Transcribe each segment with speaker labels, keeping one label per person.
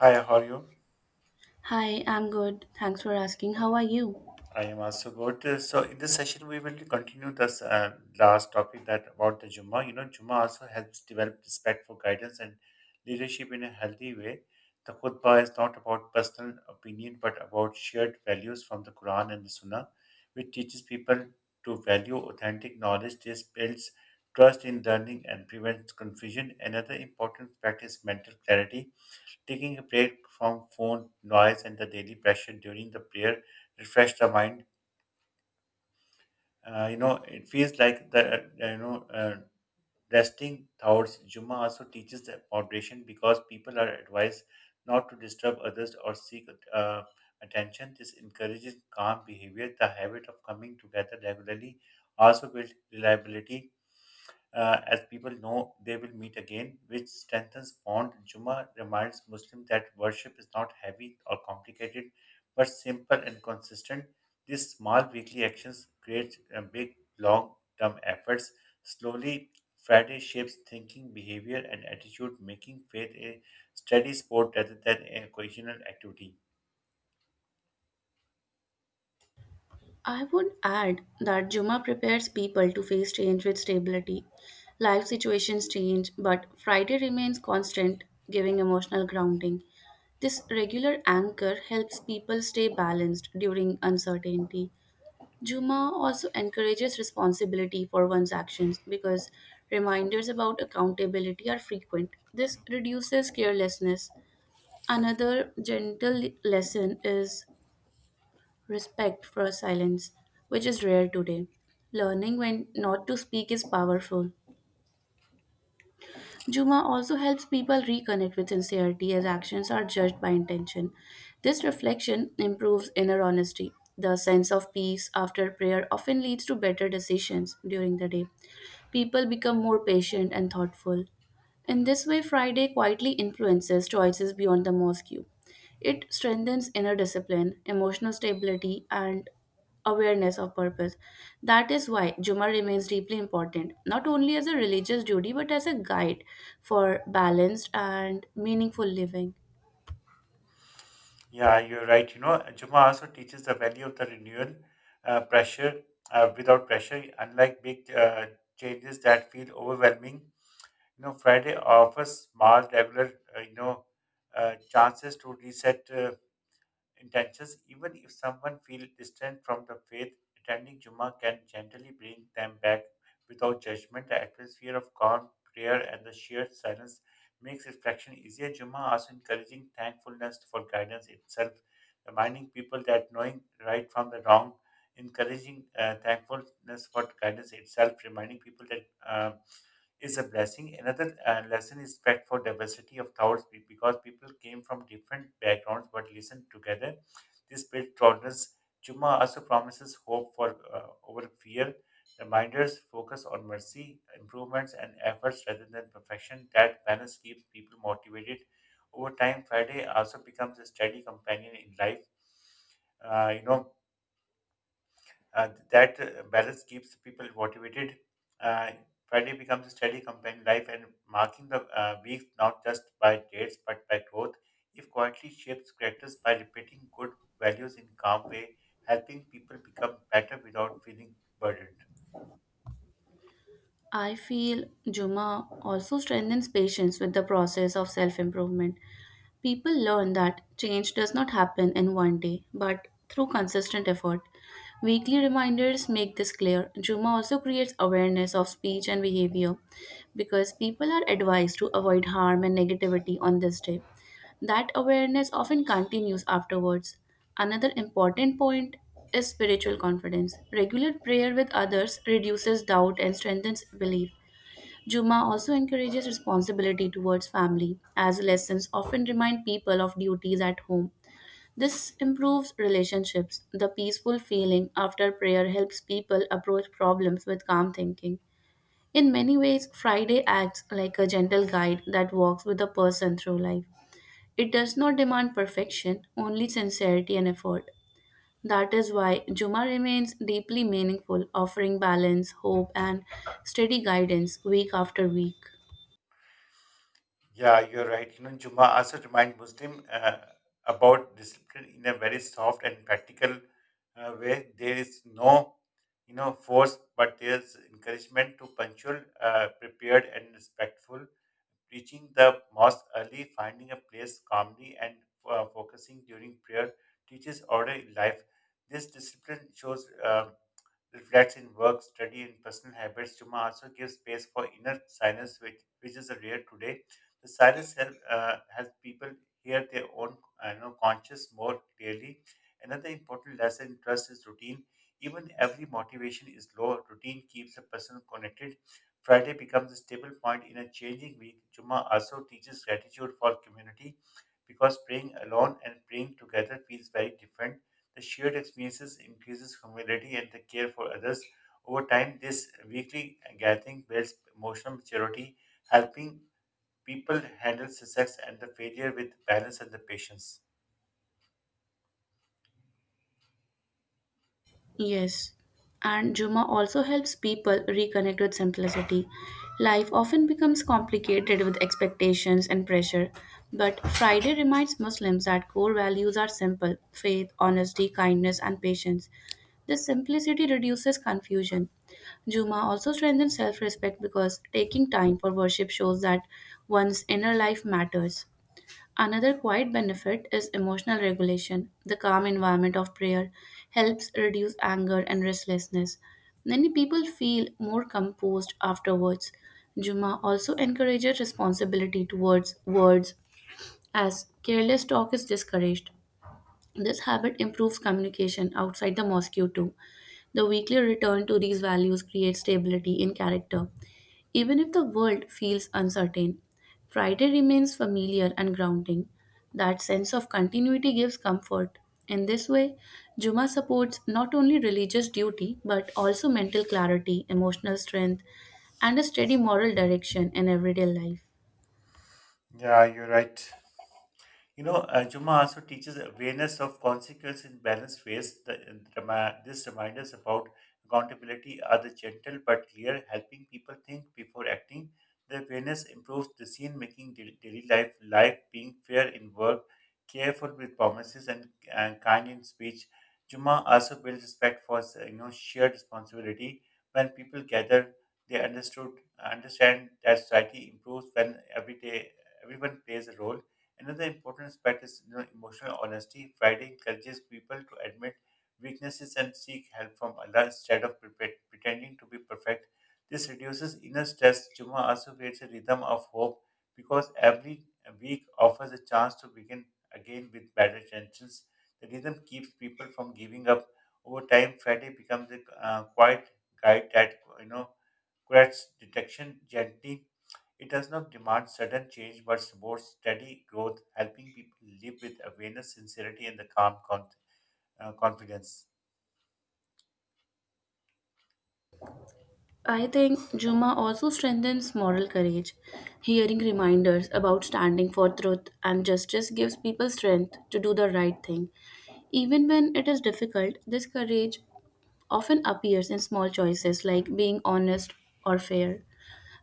Speaker 1: Hi, how are you?
Speaker 2: Hi, I'm good. Thanks for asking. How are you?
Speaker 1: I am also good. So in this session, we will continue this last topic that about the Jumma. You know, Jumma also helps develop respect for guidance and leadership in a healthy way. The khutbah is not about personal opinion, but about shared values from the Quran and the Sunnah, which teaches people to value authentic knowledge. This builds trust in learning and prevents confusion. Another important fact is mental clarity. Taking a break from phone noise and the daily pressure during the prayer refresh the mind. You know, it feels like the resting thoughts. Juma also teaches the moderation because people are advised not to disturb others or seek attention. This encourages calm behavior. The habit of coming together regularly also builds reliability as people know they will meet again, which strengthens bond. Juma reminds Muslims that worship is not heavy or complicated, but simple and consistent. These small weekly actions create big long-term efforts. Slowly, Friday shapes thinking, behavior, and attitude, making faith a steady sport rather than a occasional activity.
Speaker 2: I would add that Juma prepares people to face change with stability. Life situations change, but Friday remains constant, giving emotional grounding. This regular anchor helps people stay balanced during uncertainty. Juma also encourages responsibility for one's actions because reminders about accountability are frequent. This reduces carelessness. Another gentle lesson is respect for silence, which is rare today. Learning when not to speak is powerful. Juma also helps people reconnect with sincerity as actions are judged by intention. This reflection improves inner honesty. The sense of peace after prayer often leads to better decisions during the day. People become more patient and thoughtful. In this way, Friday quietly influences choices beyond the mosque. It strengthens inner discipline, emotional stability, and awareness of purpose. That is why Juma remains deeply important, not only as a religious duty but as a guide for balanced and meaningful living.
Speaker 1: Yeah, you're right. You know, Juma also teaches the value of the renewal pressure without pressure, unlike big changes that feel overwhelming. You know, Friday offers small, regular, chances to reset intentions. Even if someone feels distant from the faith, attending Jummah can gently bring them back without judgment. The atmosphere of calm, prayer, and the sheer silence makes reflection easier. Jummah also encouraging thankfulness for guidance itself, reminding people that knowing right from the wrong, encouraging thankfulness for guidance itself, reminding people that is a blessing. Another lesson is respect for diversity of thoughts because people came from different backgrounds but listened together. This builds tolerance. Juma also promises hope for over fear. Reminders focus on mercy, improvements, and efforts rather than perfection. That balance keeps people motivated. Over time, Friday also becomes a steady companion in life. Uh, you know, that balance keeps people motivated. Uh, Friday becomes a steady companion life and marking the weeks not just by dates but by growth. If quietly shapes characters by repeating good values in calm way, helping people become better without feeling burdened.
Speaker 2: I feel Juma also strengthens patience with the process of self improvement. People learn that change does not happen in one day, but through consistent effort. Weekly reminders make this clear. Juma also creates awareness of speech and behavior because people are advised to avoid harm and negativity on this day. That awareness often continues afterwards. Another important point is spiritual confidence. Regular prayer with others reduces doubt and strengthens belief. Juma also encourages responsibility towards family, as lessons often remind people of duties at home. This improves relationships. The peaceful feeling after prayer helps people approach problems with calm thinking. In many ways, Friday acts like a gentle guide that walks with a person through life. It does not demand perfection, only sincerity and effort. That is why Juma remains deeply meaningful, offering balance, hope, and steady guidance week after week.
Speaker 1: Yeah, you're right. You know, Juma also remind Muslim about discipline in a very soft and practical way. There is no, you know, force, but there's encouragement to punctual, prepared, and respectful. Reaching the mosque early, finding a place calmly, and focusing during prayer teaches order in life. This discipline shows, reflects in work, study, and personal habits. Juma also gives space for inner silence, which is rare today. The silence helps people hear their own conscious more clearly. Another important lesson in trust is routine. Even every motivation is low, routine keeps a person connected. Friday becomes a stable point in a changing week. Juma also teaches gratitude for community because praying alone and praying together feels very different. The shared experiences increases humility and the care for others. Over time, this weekly gathering builds emotional maturity, helping people handle success and the failure with balance and the patience.
Speaker 2: Yes, and Juma also helps people reconnect with simplicity. Life often becomes complicated with expectations and pressure, but Friday reminds Muslims that core values are simple faith, honesty, kindness, and patience. This simplicity reduces confusion. Juma also strengthens self respect because taking time for worship shows that one's inner life matters. Another quiet benefit is emotional regulation. The calm environment of prayer helps reduce anger and restlessness. Many people feel more composed afterwards. Juma also encourages responsibility towards words as careless talk is discouraged. This habit improves communication outside the mosque too. The weekly return to these values creates stability in character, even if the world feels uncertain. Friday remains familiar and grounding. That sense of continuity gives comfort. In this way, Juma supports not only religious duty but also mental clarity, emotional strength, and a steady moral direction in everyday life.
Speaker 1: Yeah, you're right. You know, Juma also teaches awareness of consequence in balanced ways. The, in the rema- this reminders about accountability are the gentle but clear, helping people think before acting. The awareness improves the scene, making, daily life being fair in work, careful with promises, and kind in speech. Juma also builds respect for you know shared responsibility. When people gather, they understood understand that society improves when every day everyone plays a role. Another important aspect is you know, emotional honesty. Friday encourages people to admit weaknesses and seek help from Allah instead of pretending to be perfect. This reduces inner stress. Juma also creates a rhythm of hope because every week offers a chance to begin again with better intentions. The rhythm keeps people from giving up. Over time, Friday becomes a quiet guide that you know corrects detection gently. It does not demand sudden change but supports steady growth, helping people live with awareness, sincerity, and the calm confidence.
Speaker 2: I think Juma also strengthens moral courage. Hearing reminders about standing for truth and justice gives people strength to do the right thing. Even when it is difficult, this courage often appears in small choices like being honest or fair.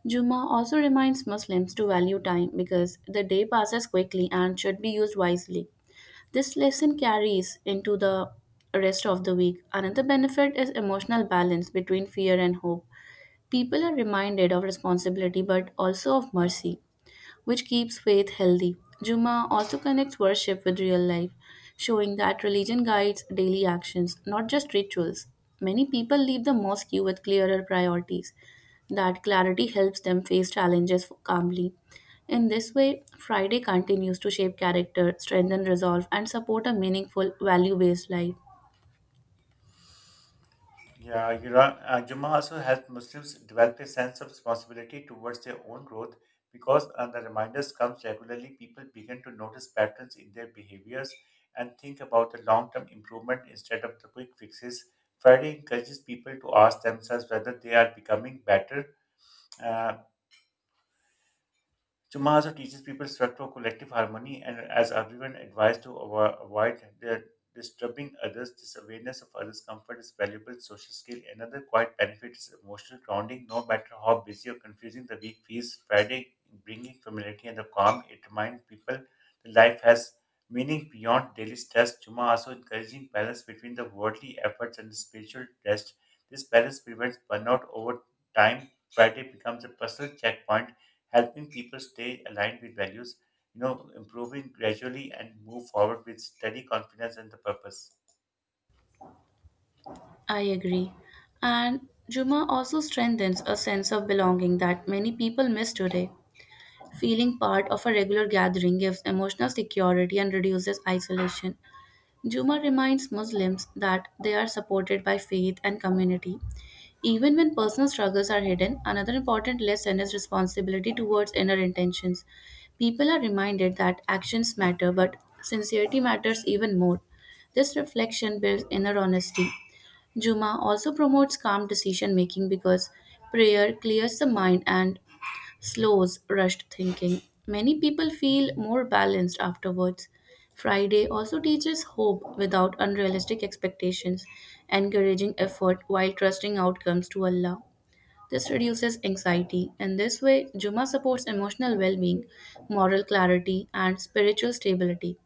Speaker 2: Juma also reminds Muslims to value time because the day passes quickly and should be used wisely. This lesson carries into the rest of the week. Another benefit is emotional balance between fear and hope. People are reminded of responsibility but also of mercy, which keeps faith healthy. Juma also connects worship with real life, showing that religion guides daily actions, not just rituals. Many people leave the mosque with clearer priorities. That clarity helps them face challenges calmly. In this way, Friday continues to shape character, strengthen resolve, and support a meaningful, value based life.
Speaker 1: Yeah, Jummah also helps Muslims develop a sense of responsibility towards their own growth because the reminders comes regularly. People begin to notice patterns in their behaviors and think about the long-term improvement instead of the quick fixes. Friday encourages people to ask themselves whether they are becoming better. uh, Chuma also teaches people respect for collective harmony and as everyone advised to avoid the disturbing others, this awareness of others' comfort is valuable social skill. Another quiet benefit is emotional grounding. No matter how busy or confusing the week feels, Friday bringing familiarity and the calm, it reminds people that life has meaning beyond daily stress. Chuma also encouraging balance between the worldly efforts and the spiritual rest. This balance prevents burnout over time. Friday becomes a personal checkpoint helping people stay aligned with values, you know, improving gradually and move forward with steady confidence and the purpose.
Speaker 2: I agree. And Juma also strengthens a sense of belonging that many people miss today. Feeling part of a regular gathering gives emotional security and reduces isolation. Juma reminds Muslims that they are supported by faith and community. Even when personal struggles are hidden, another important lesson is responsibility towards inner intentions. People are reminded that actions matter, but sincerity matters even more. This reflection builds inner honesty. Juma also promotes calm decision making because prayer clears the mind and slows rushed thinking. Many people feel more balanced afterwards. Friday also teaches hope without unrealistic expectations, encouraging effort while trusting outcomes to Allah. This reduces anxiety, and this way, Juma supports emotional well being, moral clarity, and spiritual stability.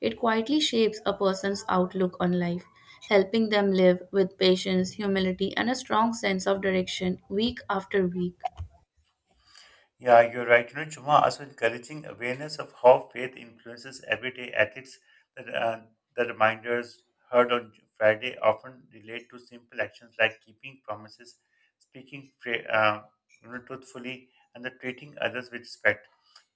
Speaker 2: It quietly shapes a person's outlook on life, helping them live with patience, humility, and a strong sense of direction week after week.
Speaker 1: Yeah, you're right. You know, Chuma also encouraging awareness of how faith influences everyday ethics. That the reminders heard on Friday often relate to simple actions like keeping promises, speaking truthfully, and the treating others with respect.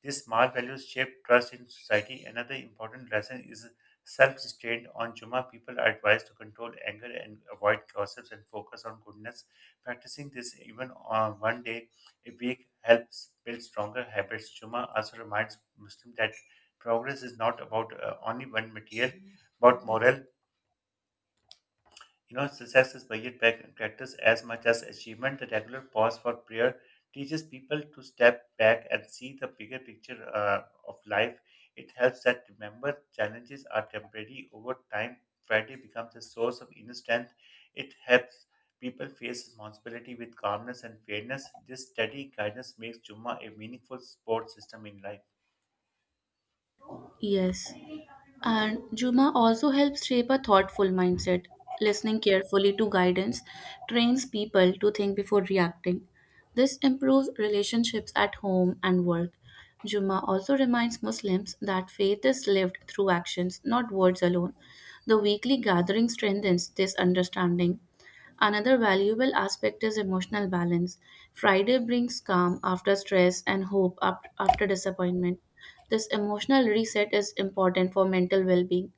Speaker 1: These small values shape trust in society. Another important lesson is self-restraint. On Juma, people are advised to control anger and avoid gossips and focus on goodness. Practicing this even on one day a week helps build stronger habits. Juma also reminds Muslims that progress is not about only one material, but moral. You know, success is measured by practice as much as achievement. The regular pause for prayer teaches people to step back and see the bigger picture of life. It helps that remember challenges are temporary. Over time, Friday becomes a source of inner strength. It helps people face responsibility with calmness and fairness. This steady guidance makes Jumma a meaningful support system in life.
Speaker 2: Yes. And Juma also helps shape a thoughtful mindset. Listening carefully to guidance trains people to think before reacting. This improves relationships at home and work. Juma also reminds Muslims that faith is lived through actions, not words alone. The weekly gathering strengthens this understanding. Another valuable aspect is emotional balance. Friday brings calm after stress and hope up after disappointment. This emotional reset is important for mental well being.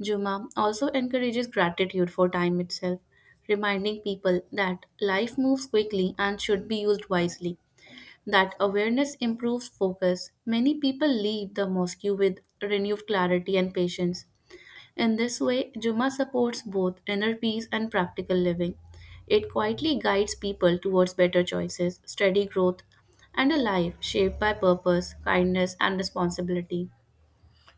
Speaker 2: Juma also encourages gratitude for time itself, reminding people that life moves quickly and should be used wisely. That awareness improves focus. Many people leave the mosque with renewed clarity and patience. In this way, Juma supports both inner peace and practical living. It quietly guides people towards better choices, steady growth, and a life shaped by purpose, kindness, and responsibility.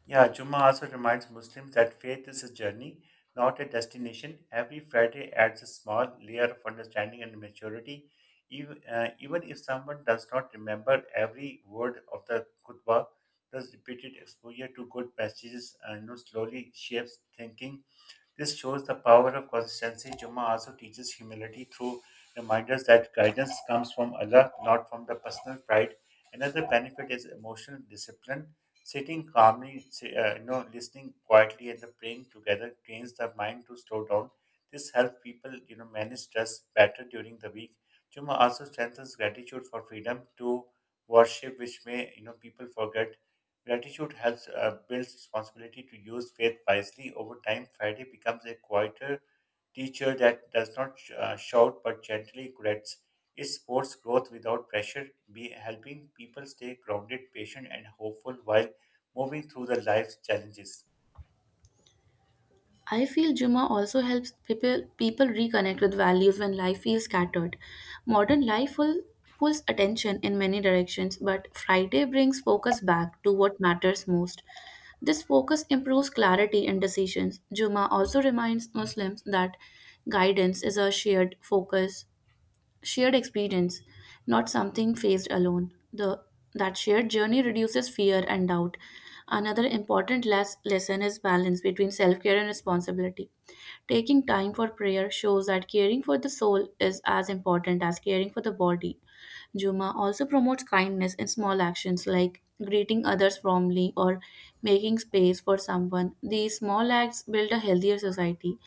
Speaker 1: Yeah, Jummah also reminds Muslims that faith is a journey, not a destination. Every Friday adds a small layer of understanding and maturity. Even if someone does not remember every word of the khutbah, thus repeated exposure to good passages slowly shapes thinking. This shows the power of consistency. Jummah also teaches humility through reminders that guidance comes from Allah, not from the personal pride. Another benefit is emotional discipline. Sitting calmly, listening quietly, and the praying together trains the mind to slow down. This helps people, you know, manage stress better during the week. Jummah also strengthens gratitude for freedom to worship, which may, you know, people forget. Gratitude has built responsibility to use faith wisely. Over time, Friday becomes a quieter teacher that does not shout but gently corrects. It supports growth without pressure, be helping people stay grounded, patient, and hopeful while moving through the life's challenges.
Speaker 2: I feel Juma also helps people reconnect with values when life feels scattered. Modern life pulls attention in many directions, but Friday brings focus back to what matters most. This focus improves clarity in decisions. Juma also reminds Muslims that guidance is a shared experience, not something faced alone. The that shared journey reduces fear and doubt. Another important lesson is balance between self-care and responsibility. Taking time for prayer shows that caring for the soul is as important as caring for the body. Juma also promotes kindness in small actions like greeting others warmly or making space for someone. These small acts build a healthier society.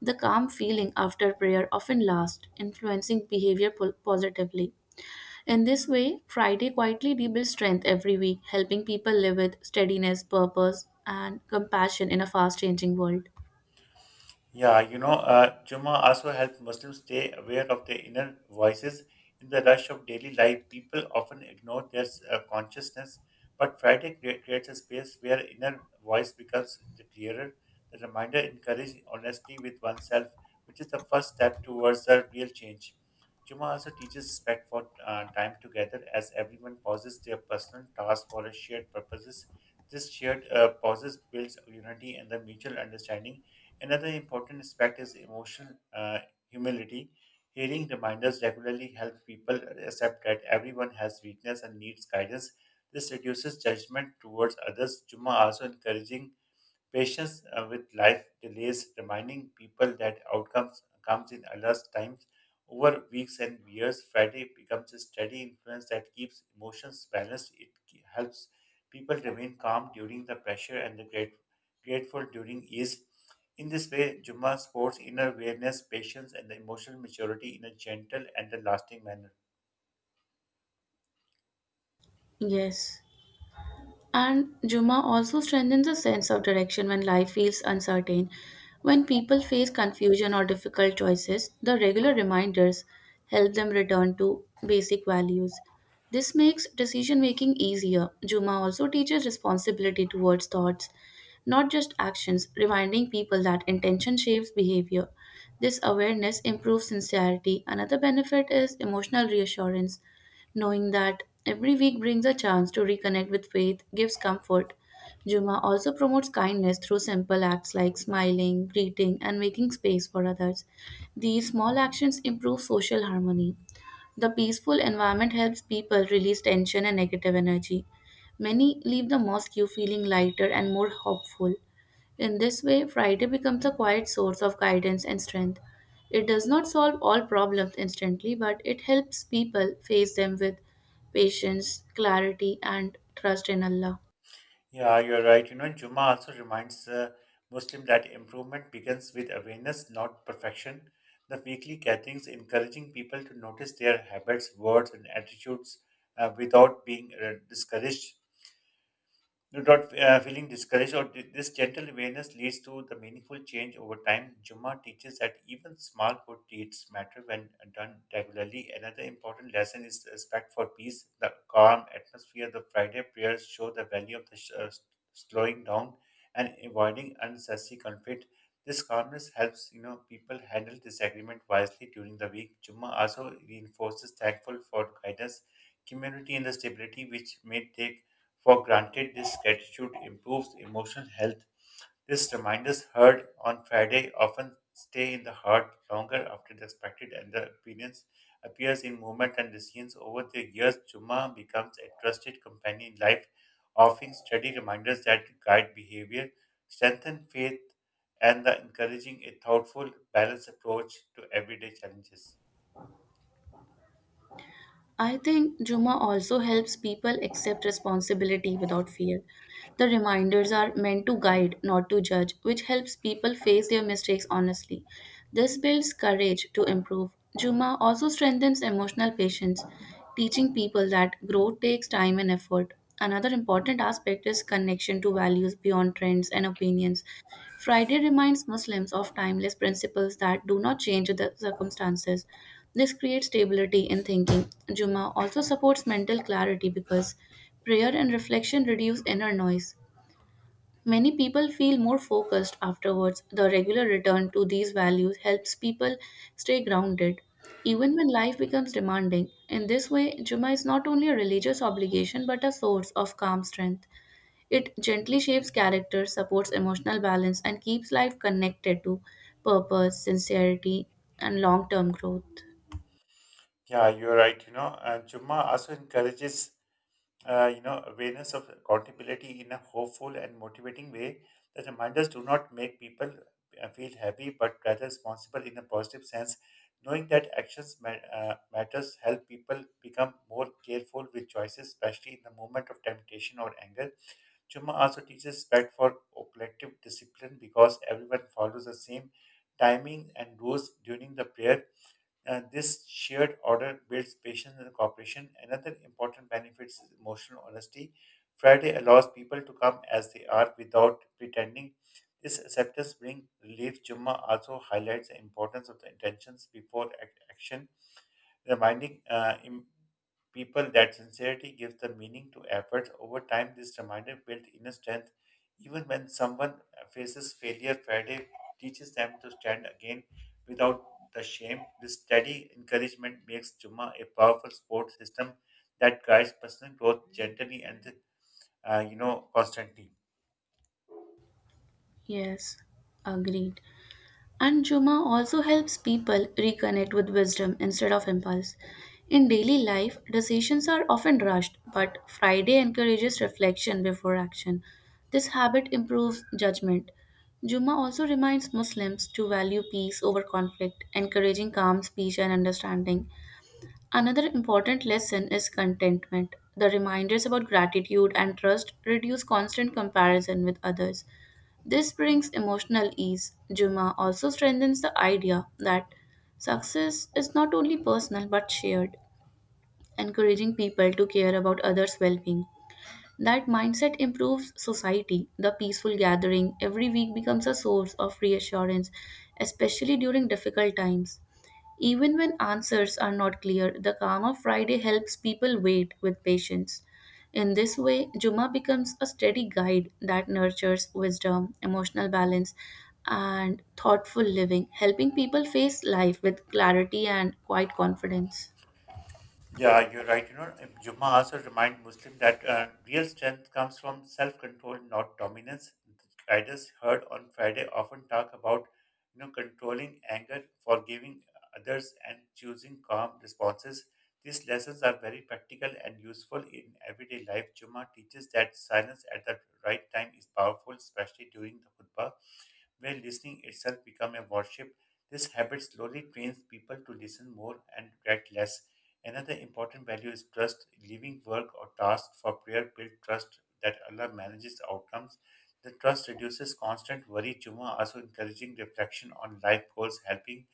Speaker 2: The calm feeling after prayer often lasts, influencing behavior positively. In this way, Friday quietly rebuilds strength every week, helping people live with steadiness, purpose, and compassion in a fast changing world.
Speaker 1: Yeah, you know, Juma also helps Muslims stay aware of their inner voices. In the rush of daily life, people often ignore their consciousness, but Friday creates a space where inner voice becomes the clearer. The reminder encourages honesty with oneself, which is the first step towards a real change. Juma also teaches respect for time together as everyone pauses their personal tasks for a shared purposes. This shared pauses builds unity and the mutual understanding. Another important aspect is emotional humility. Hearing reminders regularly help people accept that everyone has weakness and needs guidance. This reduces judgment towards others. Juma also encouraging patience with life delays, reminding people that outcomes comes in Allah's times. Over weeks and years, Friday becomes a steady influence that keeps emotions balanced. It helps people remain calm during the pressure and the grateful during ease. In this way, Jummah sports inner awareness, patience, and the emotional maturity in a gentle and a lasting manner.
Speaker 2: Yes. And Juma also strengthens a sense of direction when life feels uncertain. When people face confusion or difficult choices, the regular reminders help them return to basic values. This makes decision making easier. Juma also teaches responsibility towards thoughts not just actions, reminding people that intention shapes behavior. This awareness improves sincerity. Another benefit is emotional reassurance. Knowing that every week brings a chance to reconnect with faith gives comfort. Juma also promotes kindness through simple acts like smiling, greeting, and making space for others. These small actions improve social harmony. The peaceful environment helps people release tension and negative energy. Many leave the mosque feeling lighter and more hopeful. In this way, Friday becomes a quiet source of guidance and strength. It does not solve all problems instantly, but it helps people face them with patience, clarity, and trust in Allah.
Speaker 1: Yeah, you're right. You know, Juma also reminds Muslim that improvement begins with awareness, not perfection. The weekly gatherings encouraging people to notice their habits, words, and attitudes without being discouraged. Do not feeling discouraged this gentle awareness leads to the meaningful change over time. Juma teaches that even small good deeds matter when done regularly. Another important lesson is respect for peace. The calm atmosphere, the Friday prayers show the value of the slowing down and avoiding unnecessary conflict. This calmness helps you know people handle disagreement wisely during the week. Juma also reinforces thankful for guidance, community, and the stability which may take for granted this gratitude improves emotional health. This reminders heard on Friday often stay in the heart longer after the expected and the appearance appears in movement and decisions over the years. Juma becomes a trusted companion in life, offering steady reminders that guide behavior, strengthen faith, and the encouraging a thoughtful, balanced approach to everyday challenges.
Speaker 2: I think Juma also helps people accept responsibility without fear. The reminders are meant to guide, not to judge, which helps people face their mistakes honestly. This builds courage to improve. Juma also strengthens emotional patience, teaching people that growth takes time and effort. Another important aspect is connection to values beyond trends and opinions. Friday reminds Muslims of timeless principles that do not change with the circumstances. This creates stability in thinking. Jummah also supports mental clarity because prayer and reflection reduce inner noise. Many people feel more focused afterwards. The regular return to these values helps people stay grounded. Even when life becomes demanding, in this way, Jummah is not only a religious obligation but a source of calm strength. It gently shapes character, supports emotional balance, and keeps life connected to purpose, sincerity, and long term growth.
Speaker 1: Yeah, you're right. You know, and Jumma also encourages awareness of accountability in a hopeful and motivating way. The reminders do not make people feel happy, but rather responsible in a positive sense. Knowing that actions matters help people become more careful with choices, especially in the moment of temptation or anger. Chuma also teaches respect for collective discipline because everyone follows the same timing and rules during the prayer and this shared order builds patience and cooperation. Another important benefit is emotional honesty. Friday allows people to come as they are without pretending. This acceptance brings relief. Jumma also highlights the importance of the intentions before action reminding people that sincerity gives the meaning to efforts. Over time, this reminder builds inner strength. Even when someone faces failure, Friday teaches them to stand again without the shame. This steady encouragement makes Juma a powerful support system that guides personal growth gently and, constantly.
Speaker 2: Yes, agreed. And Juma also helps people reconnect with wisdom instead of impulse. In daily life, decisions are often rushed, but Friday encourages reflection before action. This habit improves judgment. Juma also reminds Muslims to value peace over conflict, encouraging calm speech and understanding. Another important lesson is contentment. The reminders about gratitude and trust reduce constant comparison with others. This brings emotional ease. Juma also strengthens the idea that success is not only personal but shared, encouraging people to care about others' well being. That mindset improves society. The peaceful gathering every week becomes a source of reassurance, especially during difficult times. Even when answers are not clear, the calm of Friday helps people wait with patience. In this way, Juma becomes a steady guide that nurtures wisdom, emotional balance, and thoughtful living, helping people face life with clarity and quiet confidence.
Speaker 1: Yeah, you're right. You know, Jummah also remind Muslim that real strength comes from self-control, not dominance. Guiders heard on Friday often talk about, you know, controlling anger, forgiving others, and choosing calm responses. These lessons are very practical and useful in everyday life. Jummah teaches that silence at the right time is powerful, especially during the khutbah, where listening itself become a worship. This habit slowly trains people to listen more and react less. Another important value is trust. Leaving work or task for prayer build trust that Allah manages outcomes. The trust reduces constant worry. Juma also encouraging reflection on life goals, helping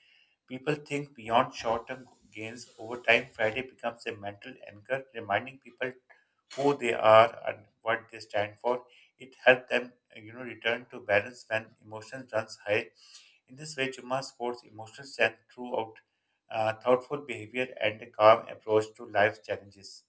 Speaker 1: people think beyond short-term gains. Over time, Friday becomes a mental anchor, reminding people who they are and what they stand for. It helps them, you know, return to balance when emotions runs high. In this way, Juma supports emotional strength throughout thoughtful behavior, and a calm approach to life's challenges.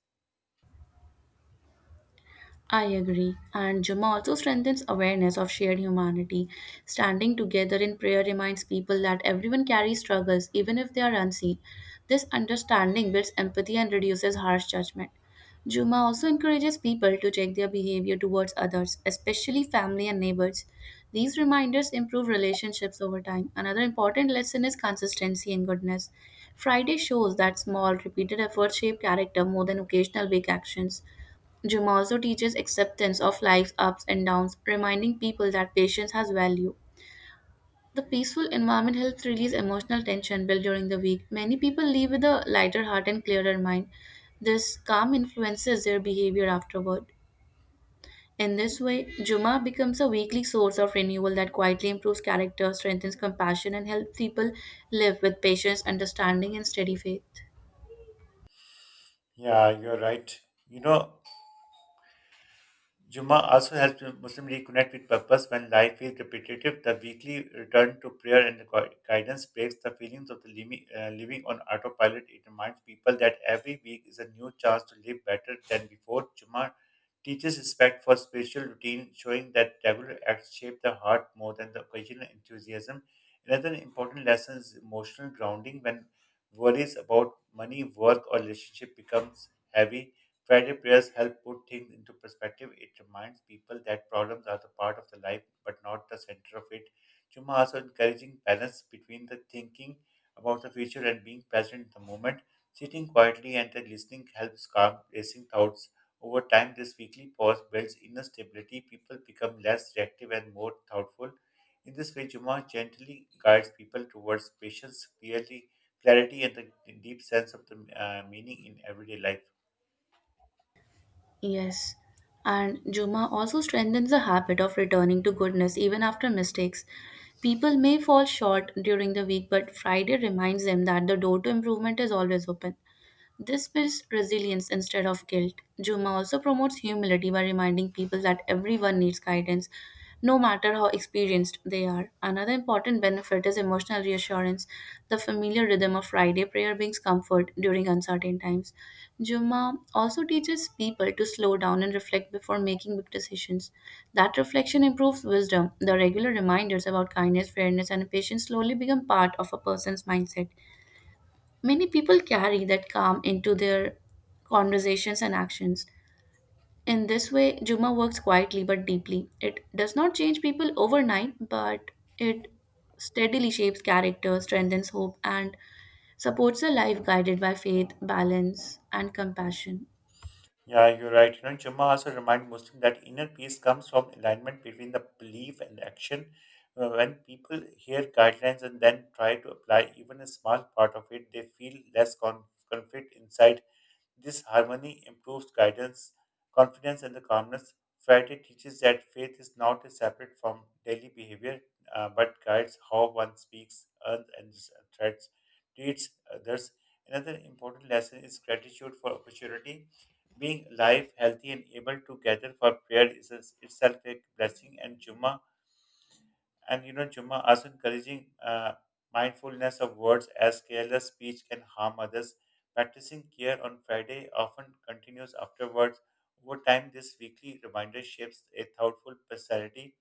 Speaker 2: I agree. And Juma also strengthens awareness of shared humanity. Standing together in prayer reminds people that everyone carries struggles, even if they are unseen. This understanding builds empathy and reduces harsh judgment. Juma also encourages people to check their behavior towards others, especially family and neighbors. These reminders improve relationships over time. Another important lesson is consistency and goodness. Friday shows that small, repeated efforts shape character more than occasional big actions. Jung also teaches acceptance of life's ups and downs, reminding people that patience has value. The peaceful environment helps release emotional tension built during the week. Many people leave with a lighter heart and clearer mind. This calm influences their behavior afterward. In this way, Juma becomes a weekly source of renewal that quietly improves character, strengthens compassion, and helps people live with patience, understanding, and steady faith.
Speaker 1: Yeah, you're right. You know, Juma also helps Muslim reconnect with purpose when life feels repetitive. The weekly return to prayer and guidance breaks the feelings of the living on autopilot. It reminds people that every week is a new chance to live better than before. Juma teaches respect for spiritual routine, showing that regular acts shape the heart more than the occasional enthusiasm. Another important lesson is emotional grounding when worries about money, work, or relationship becomes heavy Friday prayers help put things into perspective. It reminds people that problems are the part of the life but not the center of it. Juma also encouraging balance between the thinking about the future and being present in the moment. Sitting quietly and then listening helps calm racing thoughts. Over time, this weekly pause builds inner stability. People become less reactive and more thoughtful. In this way, Juma gently guides people towards patience, clarity, and the deep sense of the meaning in everyday life.
Speaker 2: Yes, and Juma also strengthens the habit of returning to goodness even after mistakes. People may fall short during the week, but Friday reminds them that the door to improvement is always open. This builds resilience instead of guilt. Juma also promotes humility by reminding people that everyone needs guidance, no matter how experienced they are. Another important benefit is emotional reassurance. The familiar rhythm of Friday prayer brings comfort during uncertain times. Juma also teaches people to slow down and reflect before making big decisions. That reflection improves wisdom. The regular reminders about kindness, fairness, and patience slowly become part of a person's mindset. Many people carry that calm into their conversations and actions. In this way, Juma works quietly but deeply. It does not change people overnight, but it steadily shapes character, strengthens hope, and supports a life guided by faith, balance, and compassion.
Speaker 1: Yeah, you're right. You know, Jummah also remind Muslim that inner peace comes from alignment between the belief and action. When people hear guidelines and then try to apply even a small part of it, they feel less conflict inside. This harmony improves guidance, confidence, and the calmness. Friday teaches that faith is not separate from daily behavior, but guides how one speaks, earns, and treats others. Another important lesson is gratitude for opportunity being alive, healthy, and able to gather for prayer is itself a blessing. And Juma, and you know, Juma also encouraging mindfulness of words as careless speech can harm others. Practicing care on Friday often continues afterwards. Over time, this weekly reminder shapes a thoughtful personality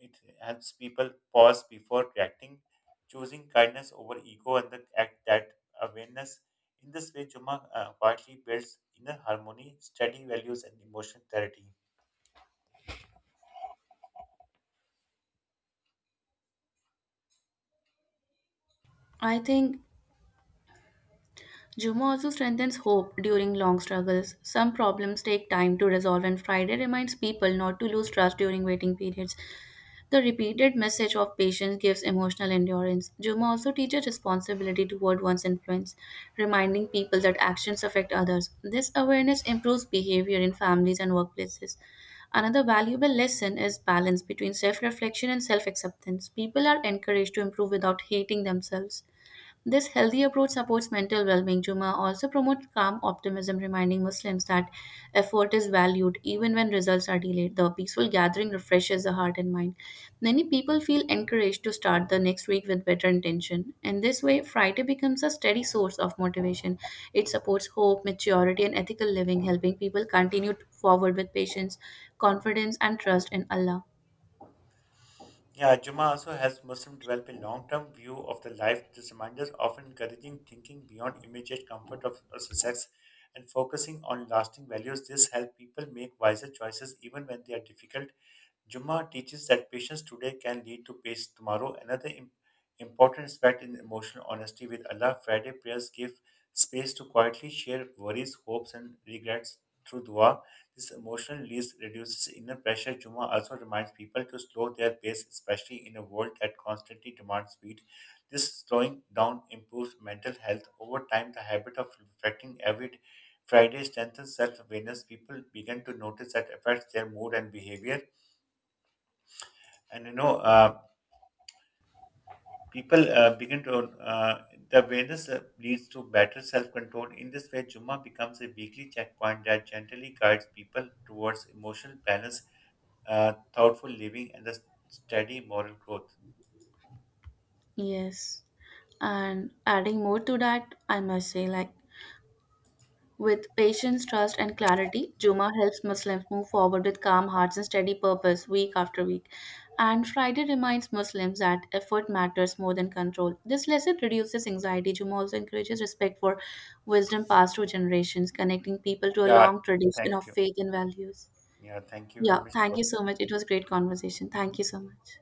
Speaker 1: it helps people pause before reacting, choosing kindness over ego and the act that awareness. In this way, Juma quietly builds inner harmony, steady values, and emotional clarity.
Speaker 2: I think Juma also strengthens hope during long struggles. Some problems take time to resolve, and Friday reminds people not to lose trust during waiting periods. The repeated message of patience gives emotional endurance. Juma also teaches responsibility toward one's influence, reminding people that actions affect others. This awareness improves behavior in families and workplaces. Another valuable lesson is balance between self reflection and self acceptance. People are encouraged to improve without hating themselves. This healthy approach supports mental well being. Juma also promotes calm optimism, reminding Muslims that effort is valued even when results are delayed. The peaceful gathering refreshes the heart and mind. Many people feel encouraged to start the next week with better intention. In this way, Friday becomes a steady source of motivation. It supports hope, maturity, and ethical living, helping people continue forward with patience, confidence, and trust in Allah.
Speaker 1: Yeah, Juma also helps Muslims develop a long-term view of the life. This reminders often encouraging thinking beyond immediate comfort of success and focusing on lasting values. This helps people make wiser choices even when they are difficult. Juma teaches that patience today can lead to peace tomorrow. Another important aspect in emotional honesty with Allah, Friday prayers give space to quietly share worries, hopes, and regrets through dua. This emotional release reduces inner pressure. Juma also reminds people to slow their pace, especially in a world that constantly demands speed. This slowing down improves mental health. Over time, the habit of reflecting every Friday strengthens self awareness. People begin to notice that affects their mood and behavior. And you know, people begin to the awareness leads to better self-control. In this way, Jumma becomes a weekly checkpoint that gently guides people towards emotional balance, thoughtful living, and the steady moral growth.
Speaker 2: Yes. And adding more to that, I must say, with patience, trust, and clarity, Juma helps Muslims move forward with calm hearts and steady purpose week after week. And Friday reminds Muslims that effort matters more than control. This lesson reduces anxiety. Juma also encourages respect for wisdom passed through generations, connecting people to a
Speaker 1: Yeah,
Speaker 2: long tradition
Speaker 1: thank
Speaker 2: of
Speaker 1: you.
Speaker 2: faith and values.
Speaker 1: Yeah, thank you
Speaker 2: Yeah,
Speaker 1: very much
Speaker 2: thank
Speaker 1: for
Speaker 2: you so much. It was a great conversation. Thank you so much.